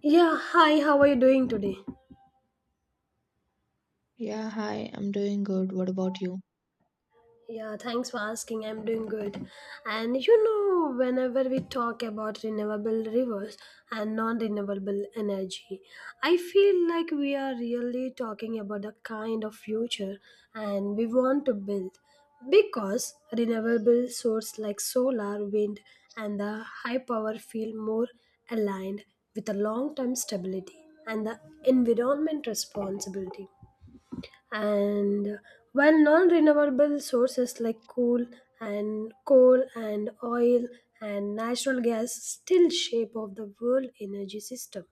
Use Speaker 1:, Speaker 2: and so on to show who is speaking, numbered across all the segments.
Speaker 1: Yeah, hi, how are you doing today?
Speaker 2: Yeah, hi, I'm doing good. What about you?
Speaker 1: Yeah, thanks for asking. I'm doing good. Whenever we talk about renewable rivers and non renewable energy, I feel like we are really talking about the kind of future and we want to build, because renewable sources like solar, wind, and the high power feel more aligned with the long term stability and the environment responsibility. And while non-renewable sources like coal and oil and natural gas still shape of the world energy system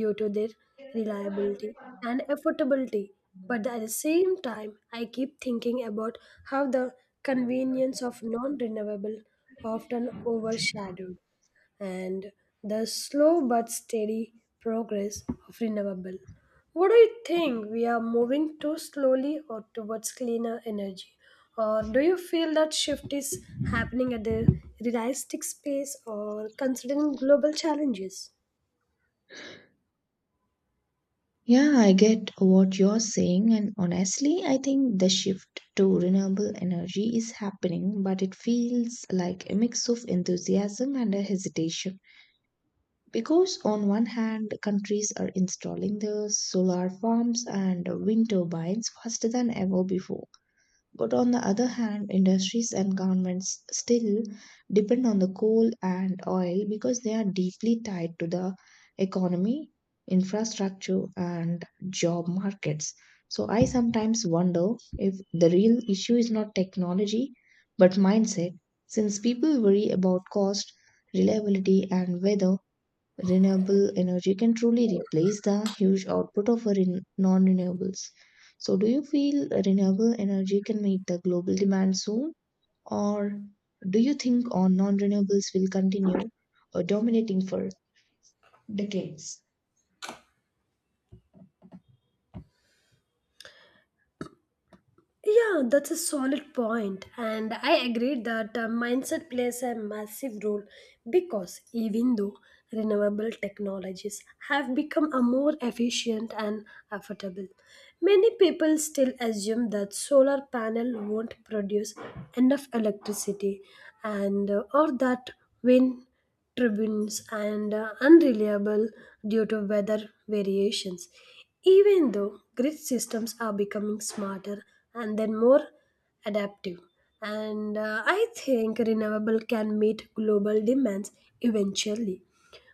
Speaker 1: due to their reliability and affordability. But at the same time, I keep thinking about how the convenience of non renewable often overshadowed and the slow but steady progress of renewable. What do you think? We are moving too slowly or towards cleaner energy? Or do you feel that shift is happening at a realistic pace or considering global challenges?
Speaker 2: Yeah, I get what you're saying, and honestly, I think the shift to renewable energy is happening, but it feels like a mix of enthusiasm and a hesitation. Because, on one hand, countries are installing the solar farms and wind turbines faster than ever before. But on the other hand, industries and governments still depend on the coal and oil because they are deeply tied to the economy, infrastructure, and job markets. So I sometimes wonder if the real issue is not technology but mindset, since people worry about cost, reliability, and whether renewable energy can truly replace the huge output of non-renewables. So, do you feel renewable energy can meet the global demand soon, or do you think on non-renewables will continue dominating for decades?
Speaker 1: Yeah, that's a solid point, and I agree that mindset plays a massive role, because even though renewable technologies have become a more efficient and affordable, many people still assume that solar panel won't produce enough electricity, and or that wind tribunes and unreliable due to weather variations. Even though grid systems are becoming smarter and then more adaptive, and I think renewable can meet global demands eventually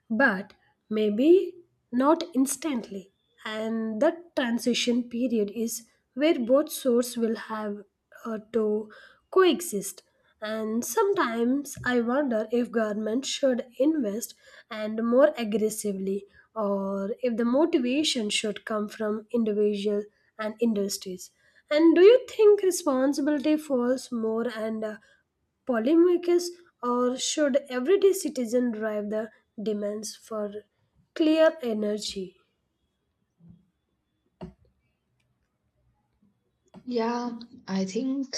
Speaker 1: but maybe not instantly. And that transition period is where both sorts will have to coexist. And sometimes I wonder if government should invest and more aggressively, or if the motivation should come from individual and industries. And do you think responsibility falls more and policymakers, or should everyday citizen drive the demands for clear energy?
Speaker 2: Yeah, I think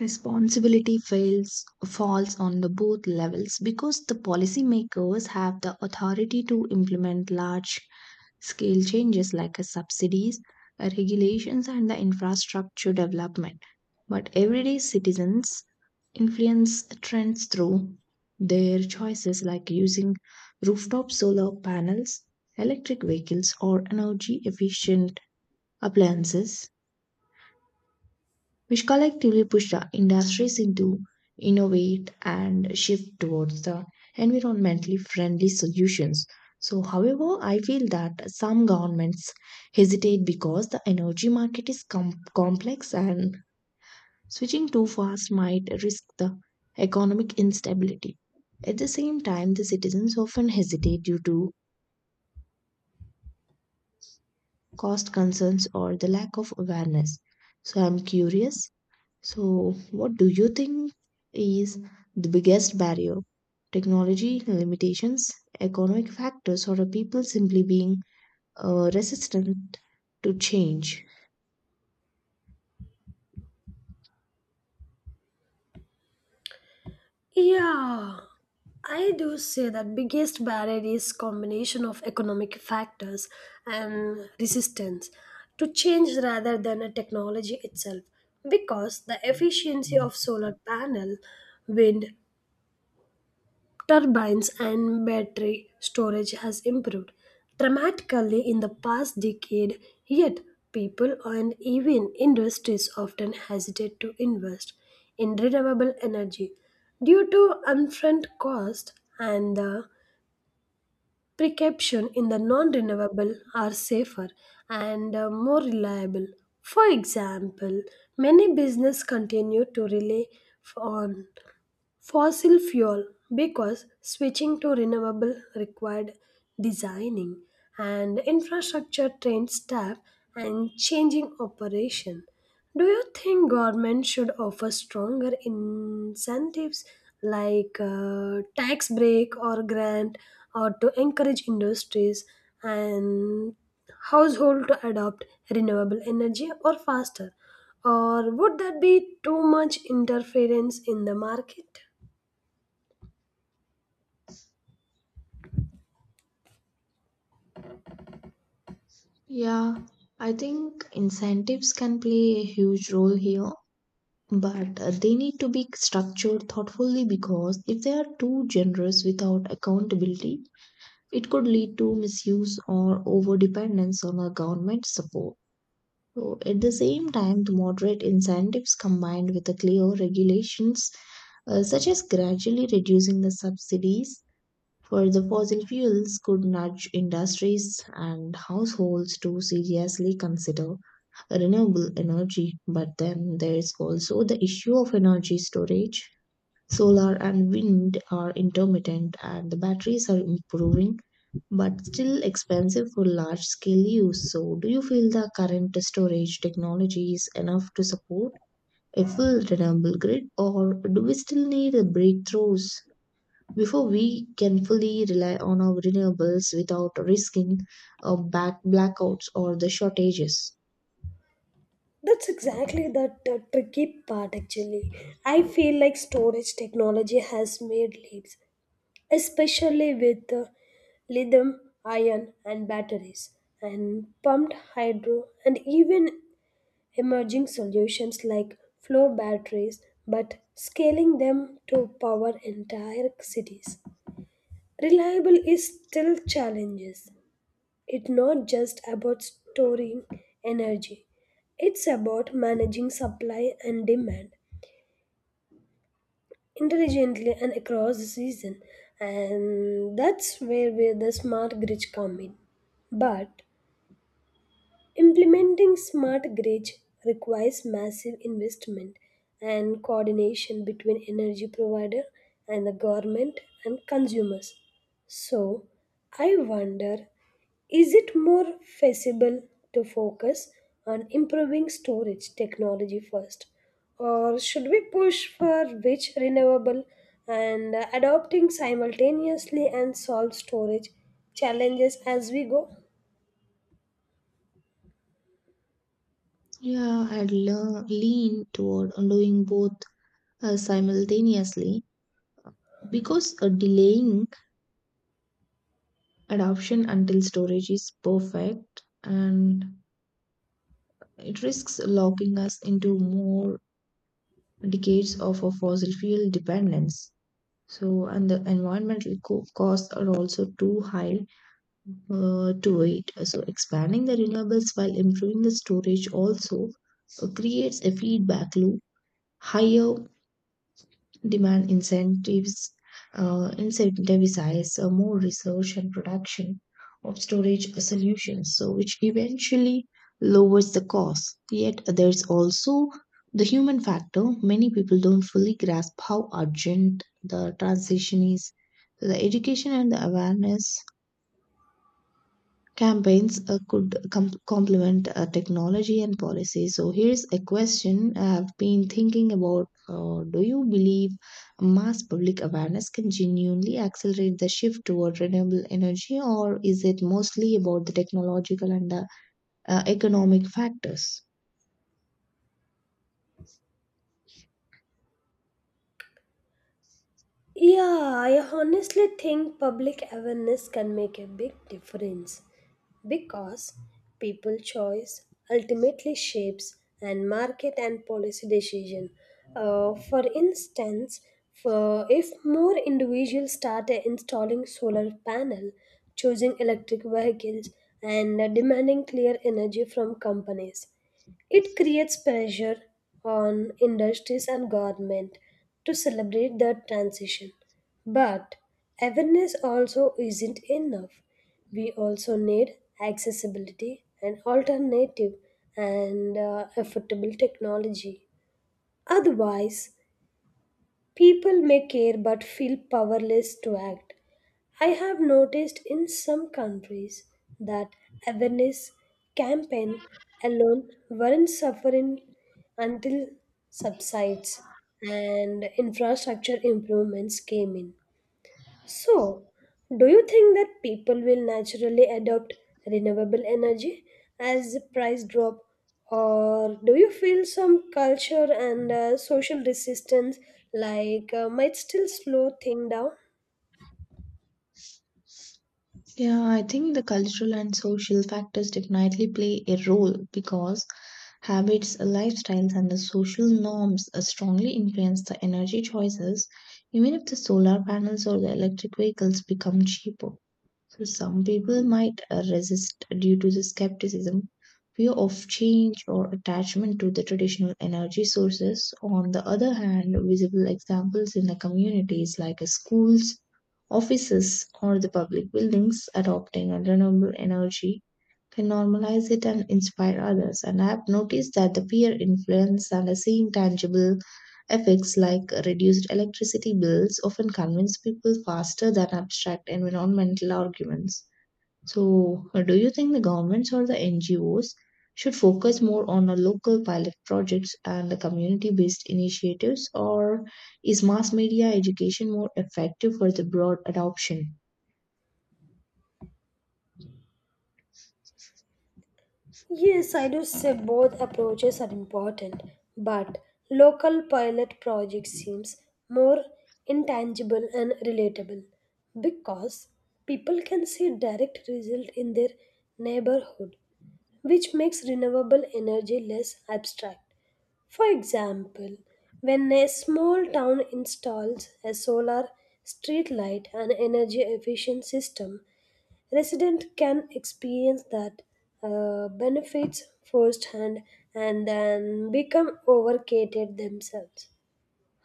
Speaker 2: responsibility fails falls on the both levels because the policymakers have the authority to implement large Scale changes like a subsidies, a regulations, and the infrastructure development. But everyday citizens influence trends through their choices like using rooftop solar panels, electric vehicles, or energy efficient appliances which collectively push the industries into innovate and shift towards the environmentally friendly solutions. So, however, I feel that some governments hesitate because the energy market is complex and switching too fast might risk the economic instability. At the same time, the citizens often hesitate due to cost concerns or the lack of awareness. So, I'm curious. So, what do you think is the biggest barrier? Technology limitations, economic factors, or are people simply being resistant to change?
Speaker 1: Yeah, I do say that biggest barrier is combination of economic factors and resistance to change rather than a technology itself, because the efficiency of solar panel, wind turbines and battery storage has improved dramatically in the past decade, yet people and even industries often hesitate to invest in renewable energy due to upfront cost and the precaution in the non-renewable are safer and more reliable. For example, many business continue to rely on fossil fuel because switching to renewable required designing and infrastructure trained staff and changing operation. Do you think government should offer stronger incentives like tax break or grant, or to encourage industries and household to adopt renewable energy or faster, or would that be too much interference in the market?
Speaker 2: Yeah, I think incentives can play a huge role here, but they need to be structured thoughtfully because if they are too generous without accountability, it could lead to misuse or overdependence on a government support. So at the same time, the moderate incentives combined with the clear regulations, such as gradually reducing the subsidies for the fossil fuels, could nudge industries and households to seriously consider renewable energy. But then there is also the issue of energy storage. Solar and wind are intermittent, and the batteries are improving but still expensive for large scale use. So, do you feel the current storage technology is enough to support a full renewable grid, or do we still need a breakthroughs before we can fully rely on our renewables without risking back blackouts or the shortages?
Speaker 1: That's exactly that tricky part actually. I feel like storage technology has made leaps, especially with lithium ion and batteries and pumped hydro and even emerging solutions like flow batteries, but scaling them to power entire cities reliable is still challenges. It's not just about storing energy, it's about managing supply and demand intelligently and across the season. And that's where the smart grids come in. But implementing smart grids requires massive investment and coordination between energy provider and the government and consumers. So, I wonder, is it more feasible to focus on improving storage technology first, or should we push for which renewable and adopting simultaneously and solve storage challenges as we go?
Speaker 2: Yeah, lean toward doing both simultaneously because delaying adoption until storage is perfect and It risks locking us into more decades of a fossil fuel dependence. So, and the environmental costs are also too high to wait. So, expanding the renewables while improving the storage also creates a feedback loop. Higher demand incentives Incentivize more research and production of storage solutions, so which eventually lowers the cost. Yet there's also the human factor. Many people don't fully grasp how urgent the transition is. So the education and the awareness campaigns complement technology and policy. So here's a question I've been thinking about. Do you believe mass public awareness can genuinely accelerate the shift toward renewable energy, or is it mostly about the technological and economic factors?
Speaker 1: Yeah, I honestly think public awareness can make a big difference, because people choice ultimately shapes and market and policy decision. For instance, for if more individuals start installing solar panel, choosing electric vehicles, and demanding clear energy from companies, it creates pressure on industries and government to celebrate that transition. But awareness also isn't enough. We also need accessibility and alternative and affordable technology. Otherwise, people may care but feel powerless to act. I have noticed in some countries that awareness campaign alone weren't suffering until subsides and infrastructure improvements came in. So, do you think that people will naturally adopt renewable energy as the price drop, or do you feel some culture and social resistance like might still slow things down?
Speaker 2: Yeah, I think the cultural and social factors definitely play a role because habits, lifestyles, and the social norms strongly influence the energy choices, even if the solar panels or the electric vehicles become cheaper. So some people might resist due to the skepticism, fear of change, or attachment to the traditional energy sources. On the other hand, visible examples in the communities like schools, offices, or the public buildings adopting a renewable energy can normalize it and inspire others. And I have noticed that the peer influence and the seeing tangible Effects like reduced electricity bills often convince people faster than abstract environmental arguments. So, do you think the governments or the NGOs should focus more on the local pilot projects and the community based initiatives, or is mass media education more effective for the broad adoption?
Speaker 1: Yes, I do say both approaches are important, but local pilot project seems more intangible and relatable because people can see direct result in their neighborhood, which makes renewable energy less abstract. For example, when a small town installs a solar street light and energy efficient system, resident can experience that benefits firsthand and then become overcated themselves.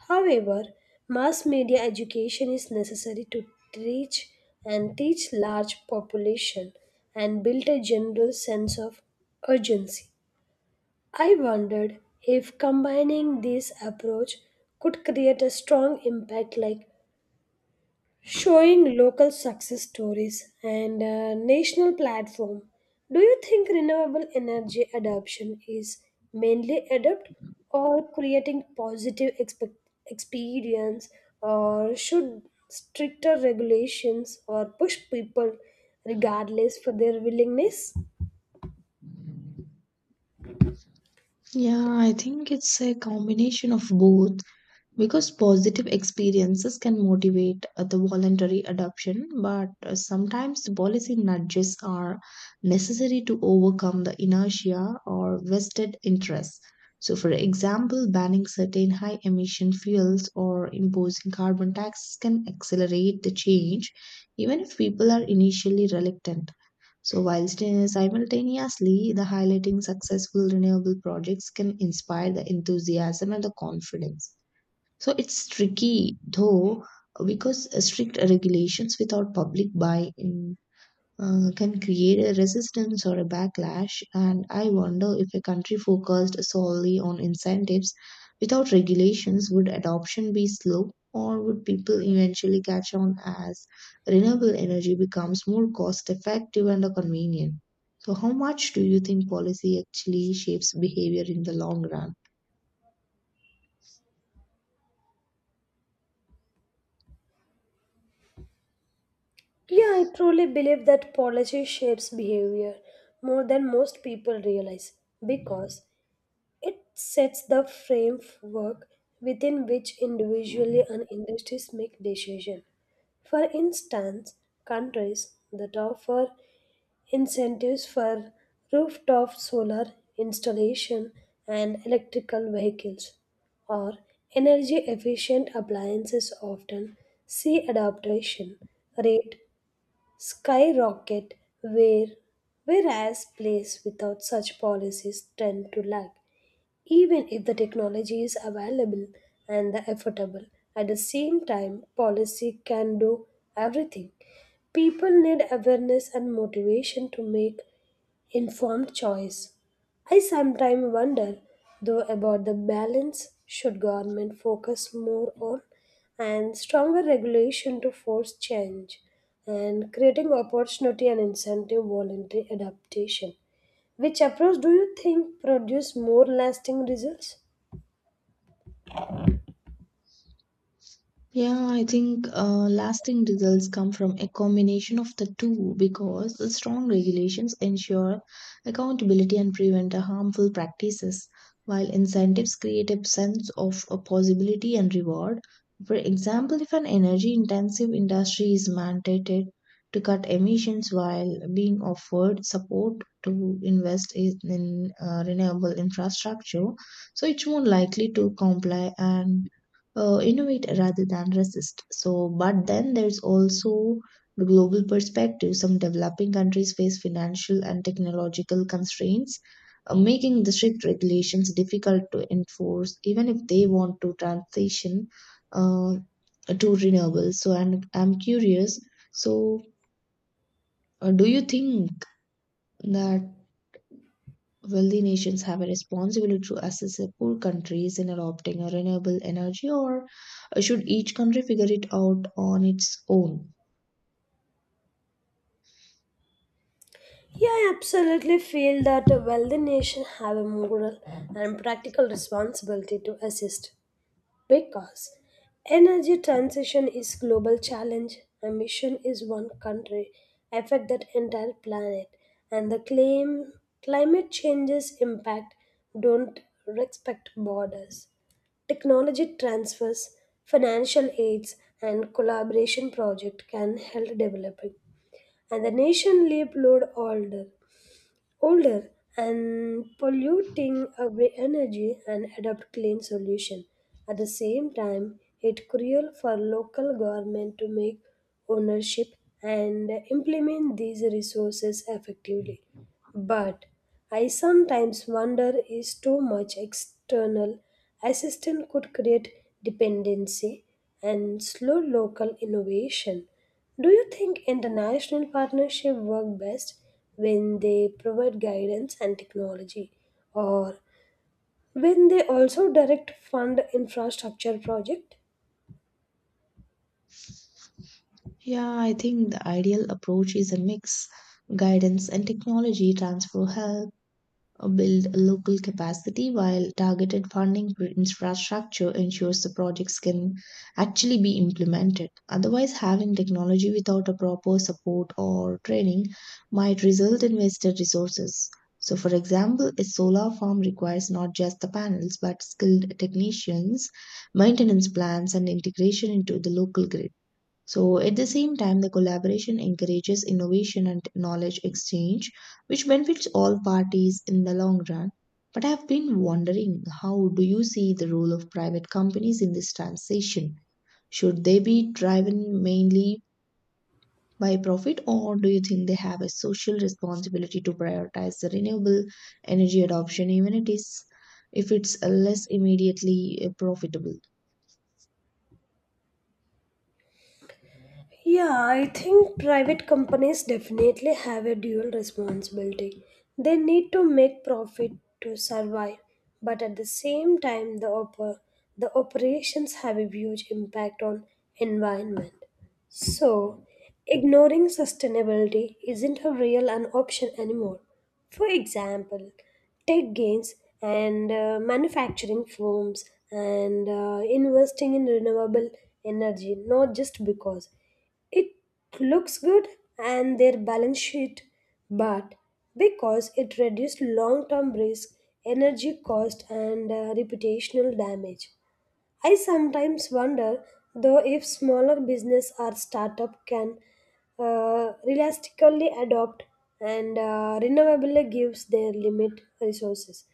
Speaker 1: However, mass media education is necessary to reach and teach large population and build a general sense of urgency. I wondered if combining this approach could create a strong impact, like showing local success stories and a national platform. Do you think renewable energy adoption is mainly adept or creating positive experience, or should stricter regulations or push people regardless for their willingness?
Speaker 2: Yeah, I think it's a combination of both, because positive experiences can motivate the voluntary adoption, but sometimes the policy nudges are necessary to overcome the inertia or vested interests. So, for example, banning certain high emission fuels or imposing carbon taxes can accelerate the change, even if people are initially reluctant. So, while simultaneously, the highlighting successful renewable projects can inspire the enthusiasm and the confidence. So it's tricky though because strict regulations without public buy-in can create a resistance or a backlash. And I wonder if a country focused solely on incentives without regulations, would adoption be slow or would people eventually catch on as renewable energy becomes more cost effective and convenient? So, how much do you think policy actually shapes behavior in the long run?
Speaker 1: Yeah, I truly believe that policy shapes behavior more than most people realize, because it sets the framework within which individually and industries make decisions. For instance, countries that offer incentives for rooftop solar installation and electrical vehicles or energy efficient appliances often see adoption rate skyrocket, where whereas places without such policies tend to lag, even if the technology is available and the affordable. At the same time policy can do everything. People need awareness and motivation to make informed choice. I sometimes wonder though about the balance, should government focus more on and stronger regulation to force change and creating opportunity and incentive voluntary adaptation. Which approach do you think produce more lasting results?
Speaker 2: Yeah, I think lasting results come from a combination of the two because the strong regulations ensure accountability and prevent the harmful practices, while incentives create a sense of a possibility and reward. For example, if an energy intensive industry is mandated to cut emissions while being offered support to invest in renewable infrastructure, so it's more likely to comply and innovate rather than resist. So, but then there's also the global perspective. Some developing countries face financial and technological constraints, making the strict regulations difficult to enforce, even if they want to transition uh, to renewables. So, and I'm curious. So, do you think that Wealthy nations have a responsibility to assist their poor countries in adopting a renewable energy, or should each country figure it out on its own?
Speaker 1: Yeah, I absolutely feel that a wealthy nation have a moral and practical responsibility to assist, because energy transition is global challenge, emission is one country affect that entire planet, and the claim climate change's impact don't respect borders. Technology transfers, financial aids, and collaboration project can help developing and the nation leap load older and polluting our energy and adopt clean solution. At the same time, it cruel for local government to make ownership and implement these resources effectively. But I sometimes wonder, is too much external assistance could create dependency and slow local innovation. Do you think international partnerships work best when they provide guidance and technology, or when they also direct fund infrastructure project?
Speaker 2: Yeah, I think the ideal approach is a mix guidance and technology transfer help build local capacity while targeted funding for infrastructure ensures the projects can actually be implemented. Otherwise, having technology without a proper support or training might result in wasted resources. So, for example, a solar farm requires not just the panels but skilled technicians, maintenance plans, and integration into the local grid. So, at the same time, the collaboration encourages innovation and knowledge exchange, which benefits all parties in the long run. But I've been wondering how do you see the role of private companies in this transition? Should they be driven mainly by profit, or do you think they have a social responsibility to prioritize the renewable energy adoption, even it is if it's less immediately profitable?
Speaker 1: Yeah, I think private companies definitely have a dual responsibility. They need to make profit to survive, but at the same time the operations have a huge impact on environment. So, ignoring sustainability isn't a real an option anymore. For example, tech gains and manufacturing firms and investing in renewable energy, not just because it looks good and their balance sheet, but because it reduced long term risk, energy cost, and reputational damage. I sometimes wonder, though, if smaller business or startup can realistically adopt and renewably gives their limit resources.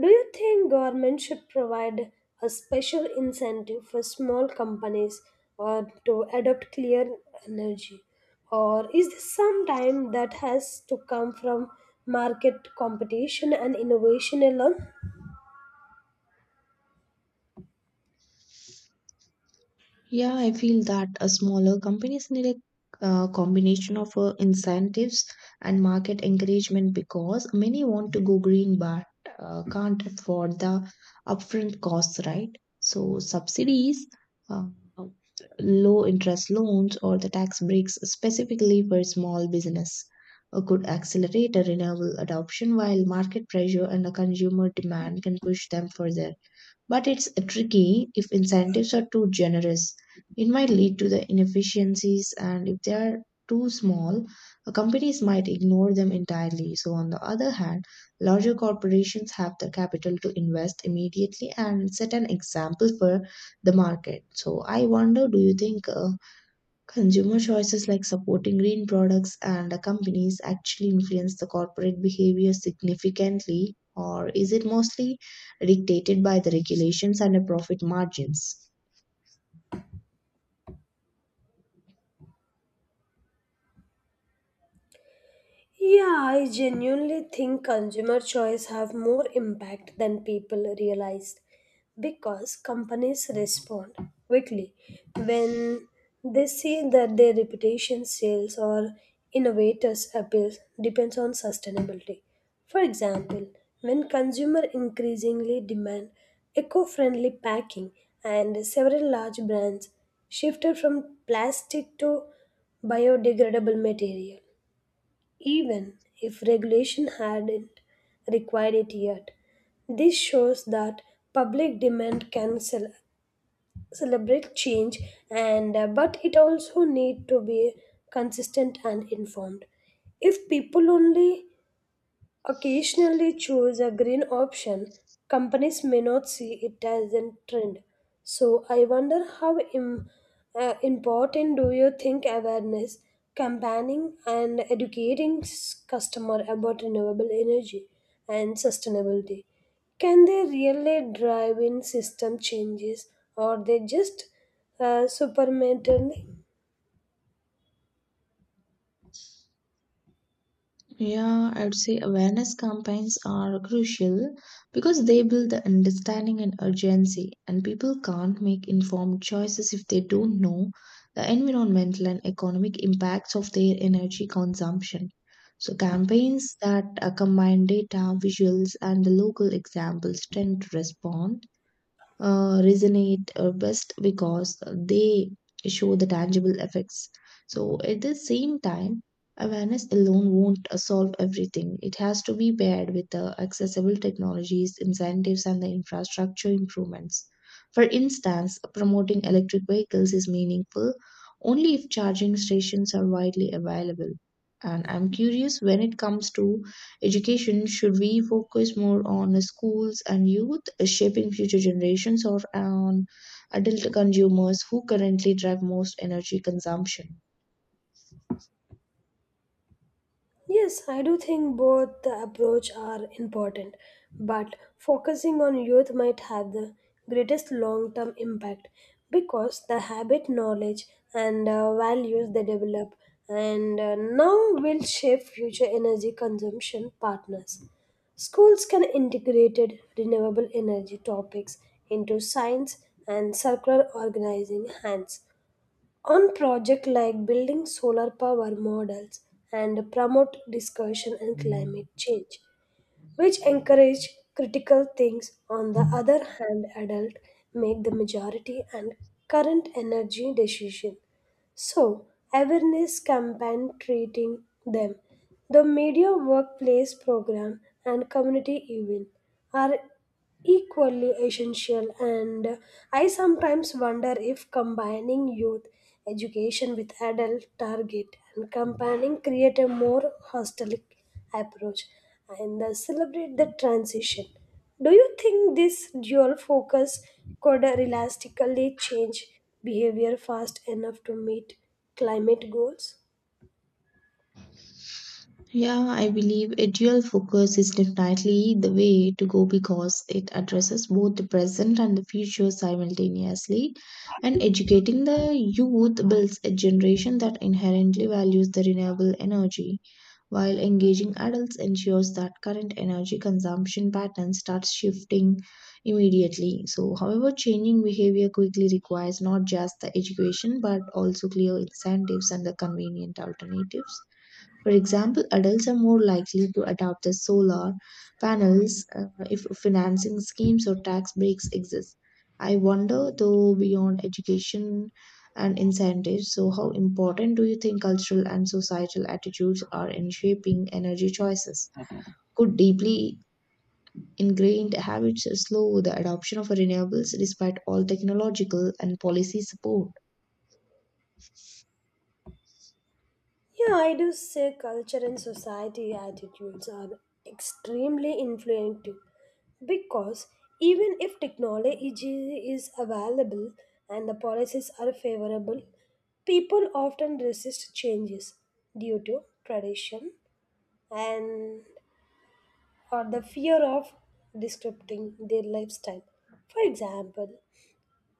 Speaker 1: Do you think government should provide a special incentive for small companies or to adopt clear energy? Or is this sometime that has to come from market competition and innovation alone?
Speaker 2: Yeah, I feel that a smaller companies need a combination of incentives and market encouragement because many want to go green but can't afford the upfront costs, right? So subsidies, uh, low interest loans, or the tax breaks specifically for small business could accelerate a renewable adoption while market pressure and the consumer demand can push them further. But it's tricky if incentives are too generous. It might lead to the inefficiencies, and if they are too small, companies might ignore them entirely. So, on the other hand, larger corporations have the capital to invest immediately and set an example for the market. So, I wonder, do you think Consumer choices like supporting green products and companies actually influence the corporate behavior significantly, or is it mostly dictated by the regulations and the profit margins?
Speaker 1: Yeah, I genuinely think consumer choice have more impact than people realize, because companies respond quickly when they see that their reputation, sales, or innovators' appeals depends on sustainability. For example, when consumer increasingly demand eco-friendly packing and several large brands shifted from plastic to biodegradable material even if regulation hadn't required it yet. This shows that public demand can celebrate change, and but it also need to be consistent and informed. If people only occasionally choose a green option, companies may not see it as a trend. So I wonder how important do you think awareness, campaigning, and educating customer about renewable energy and sustainability, can they really drive in system changes, or they just supernaturally.
Speaker 2: Yeah, I would say awareness campaigns are crucial because they build the understanding and urgency, and people can't make informed choices if they don't know the environmental and economic impacts of their energy consumption. So, campaigns that combine data, visuals, and the local examples tend to respond resonate best because they show the tangible effects. So, at the same time, awareness alone won't solve everything. It has to be paired with the accessible technologies, incentives, and the infrastructure improvements. For instance, promoting electric vehicles is meaningful only if charging stations are widely available. And I'm curious when it comes to Education, should we focus more on schools and youth, shaping future generations, or on adult consumers who currently drive most energy consumption.
Speaker 1: Yes, I do think both the approach are important, but focusing on youth might have the greatest long-term impact, because the habit, knowledge, and values they develop and now will shape future energy consumption partners. Schools can integrate renewable energy topics into science and circular organizing hands on projects like building solar power models and promote discussion and climate change, which encourage critical things. On the other hand, adults make the majority and current energy decision. So, awareness campaign treating them, the media workplace program and community event are equally essential. And I sometimes wonder if combining youth education with adult target and campaigning create a more holistic approach and celebrate the transition. Do you think this dual focus could realistically change behavior fast enough to meet climate goals?
Speaker 2: Yeah, I believe a dual focus is definitely the way to go because it addresses both the present and the future simultaneously. And educating the youth builds a generation that inherently values the renewable energy while engaging adults ensures that current energy consumption patterns start shifting immediately. So, however, changing behavior quickly requires not just the education but also clear incentives and the convenient alternatives. For example, adults are more likely to adopt the solar panels if financing schemes or tax breaks exist. I wonder, though, beyond education and incentives, so how important do you think cultural and societal attitudes are in shaping energy choices? Could deeply ingrained habits slow the adoption of renewables despite all technological and policy support?
Speaker 1: Yeah, I do say culture and society attitudes are extremely influential, because even if technology is available and the policies are favorable, people often resist changes due to tradition and or the fear of disrupting their lifestyle. For example,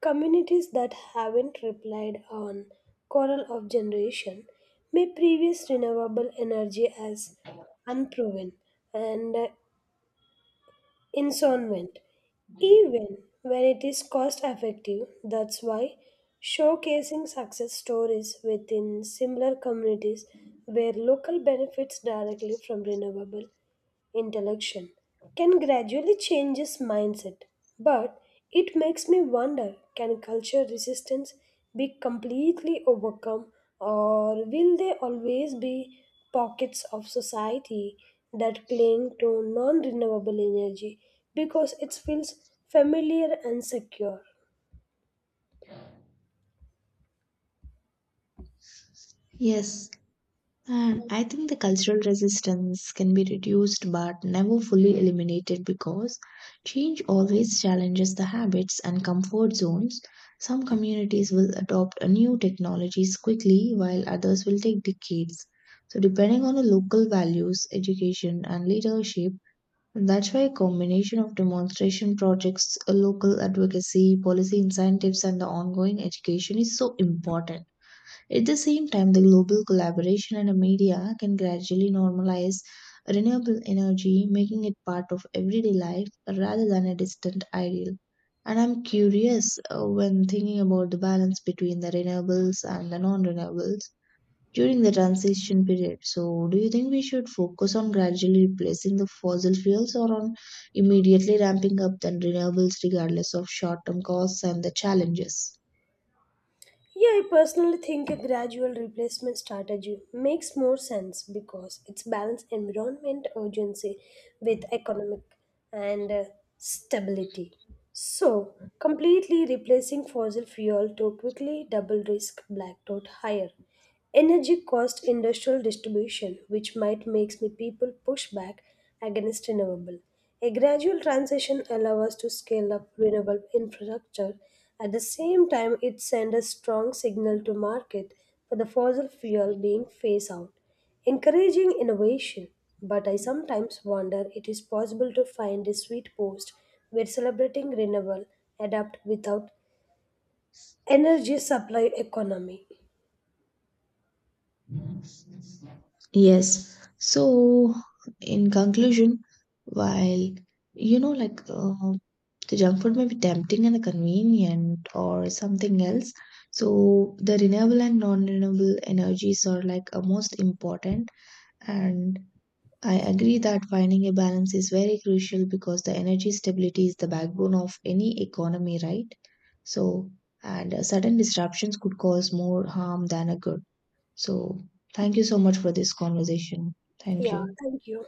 Speaker 1: communities that haven't relied on coral of generation may previous renewable energy as unproven and insolvent, even when it is cost effective. That's why showcasing success stories within similar communities where local benefits directly from renewable intellection can gradually change his mindset. But it makes me wonder, can culture resistance be completely overcome, or will there always be pockets of society that cling to non renewable energy because it feels familiar and secure?
Speaker 2: Yes. And I think the cultural resistance can be reduced but never fully eliminated because change always challenges the habits and comfort zones. Some communities will adopt a new technologies quickly while others will take decades. So depending on the local values, education and leadership, that's why a combination of demonstration projects, a local advocacy, policy incentives and the ongoing education is so important. At the same time, the global collaboration and the media can gradually normalize renewable energy, making it part of everyday life rather than a distant ideal. And I'm curious, when thinking about the balance between the renewables and the non renewables during the transition period. So, do you think we should focus on gradually replacing the fossil fuels or on immediately ramping up the renewables regardless of short term costs and the challenges?
Speaker 1: Yeah, I personally think a gradual replacement strategy makes more sense, because it's balanced environment urgency with economic and stability. So, completely replacing fossil fuel to quickly double risk blackout higher. Energy cost industrial distribution, which might makes me people push back against renewable. A gradual transition allows us to scale up renewable infrastructure. At the same time, it sends a strong signal to market for the fossil fuel being phased out, encouraging innovation. But I sometimes wonder it is possible to find a sweet post where celebrating renewable adapt without energy supply economy.
Speaker 2: Yes. So, in conclusion, while you know, like uh, the junk food may be tempting and convenient or something else, so the renewable and non-renewable energies are like most important. And I agree that finding a balance is very crucial because the energy stability is the backbone of any economy, right? So, and sudden disruptions could cause more harm than a good. So, thank you so much for this conversation. Thank
Speaker 1: Yeah,
Speaker 2: you.
Speaker 1: thank you.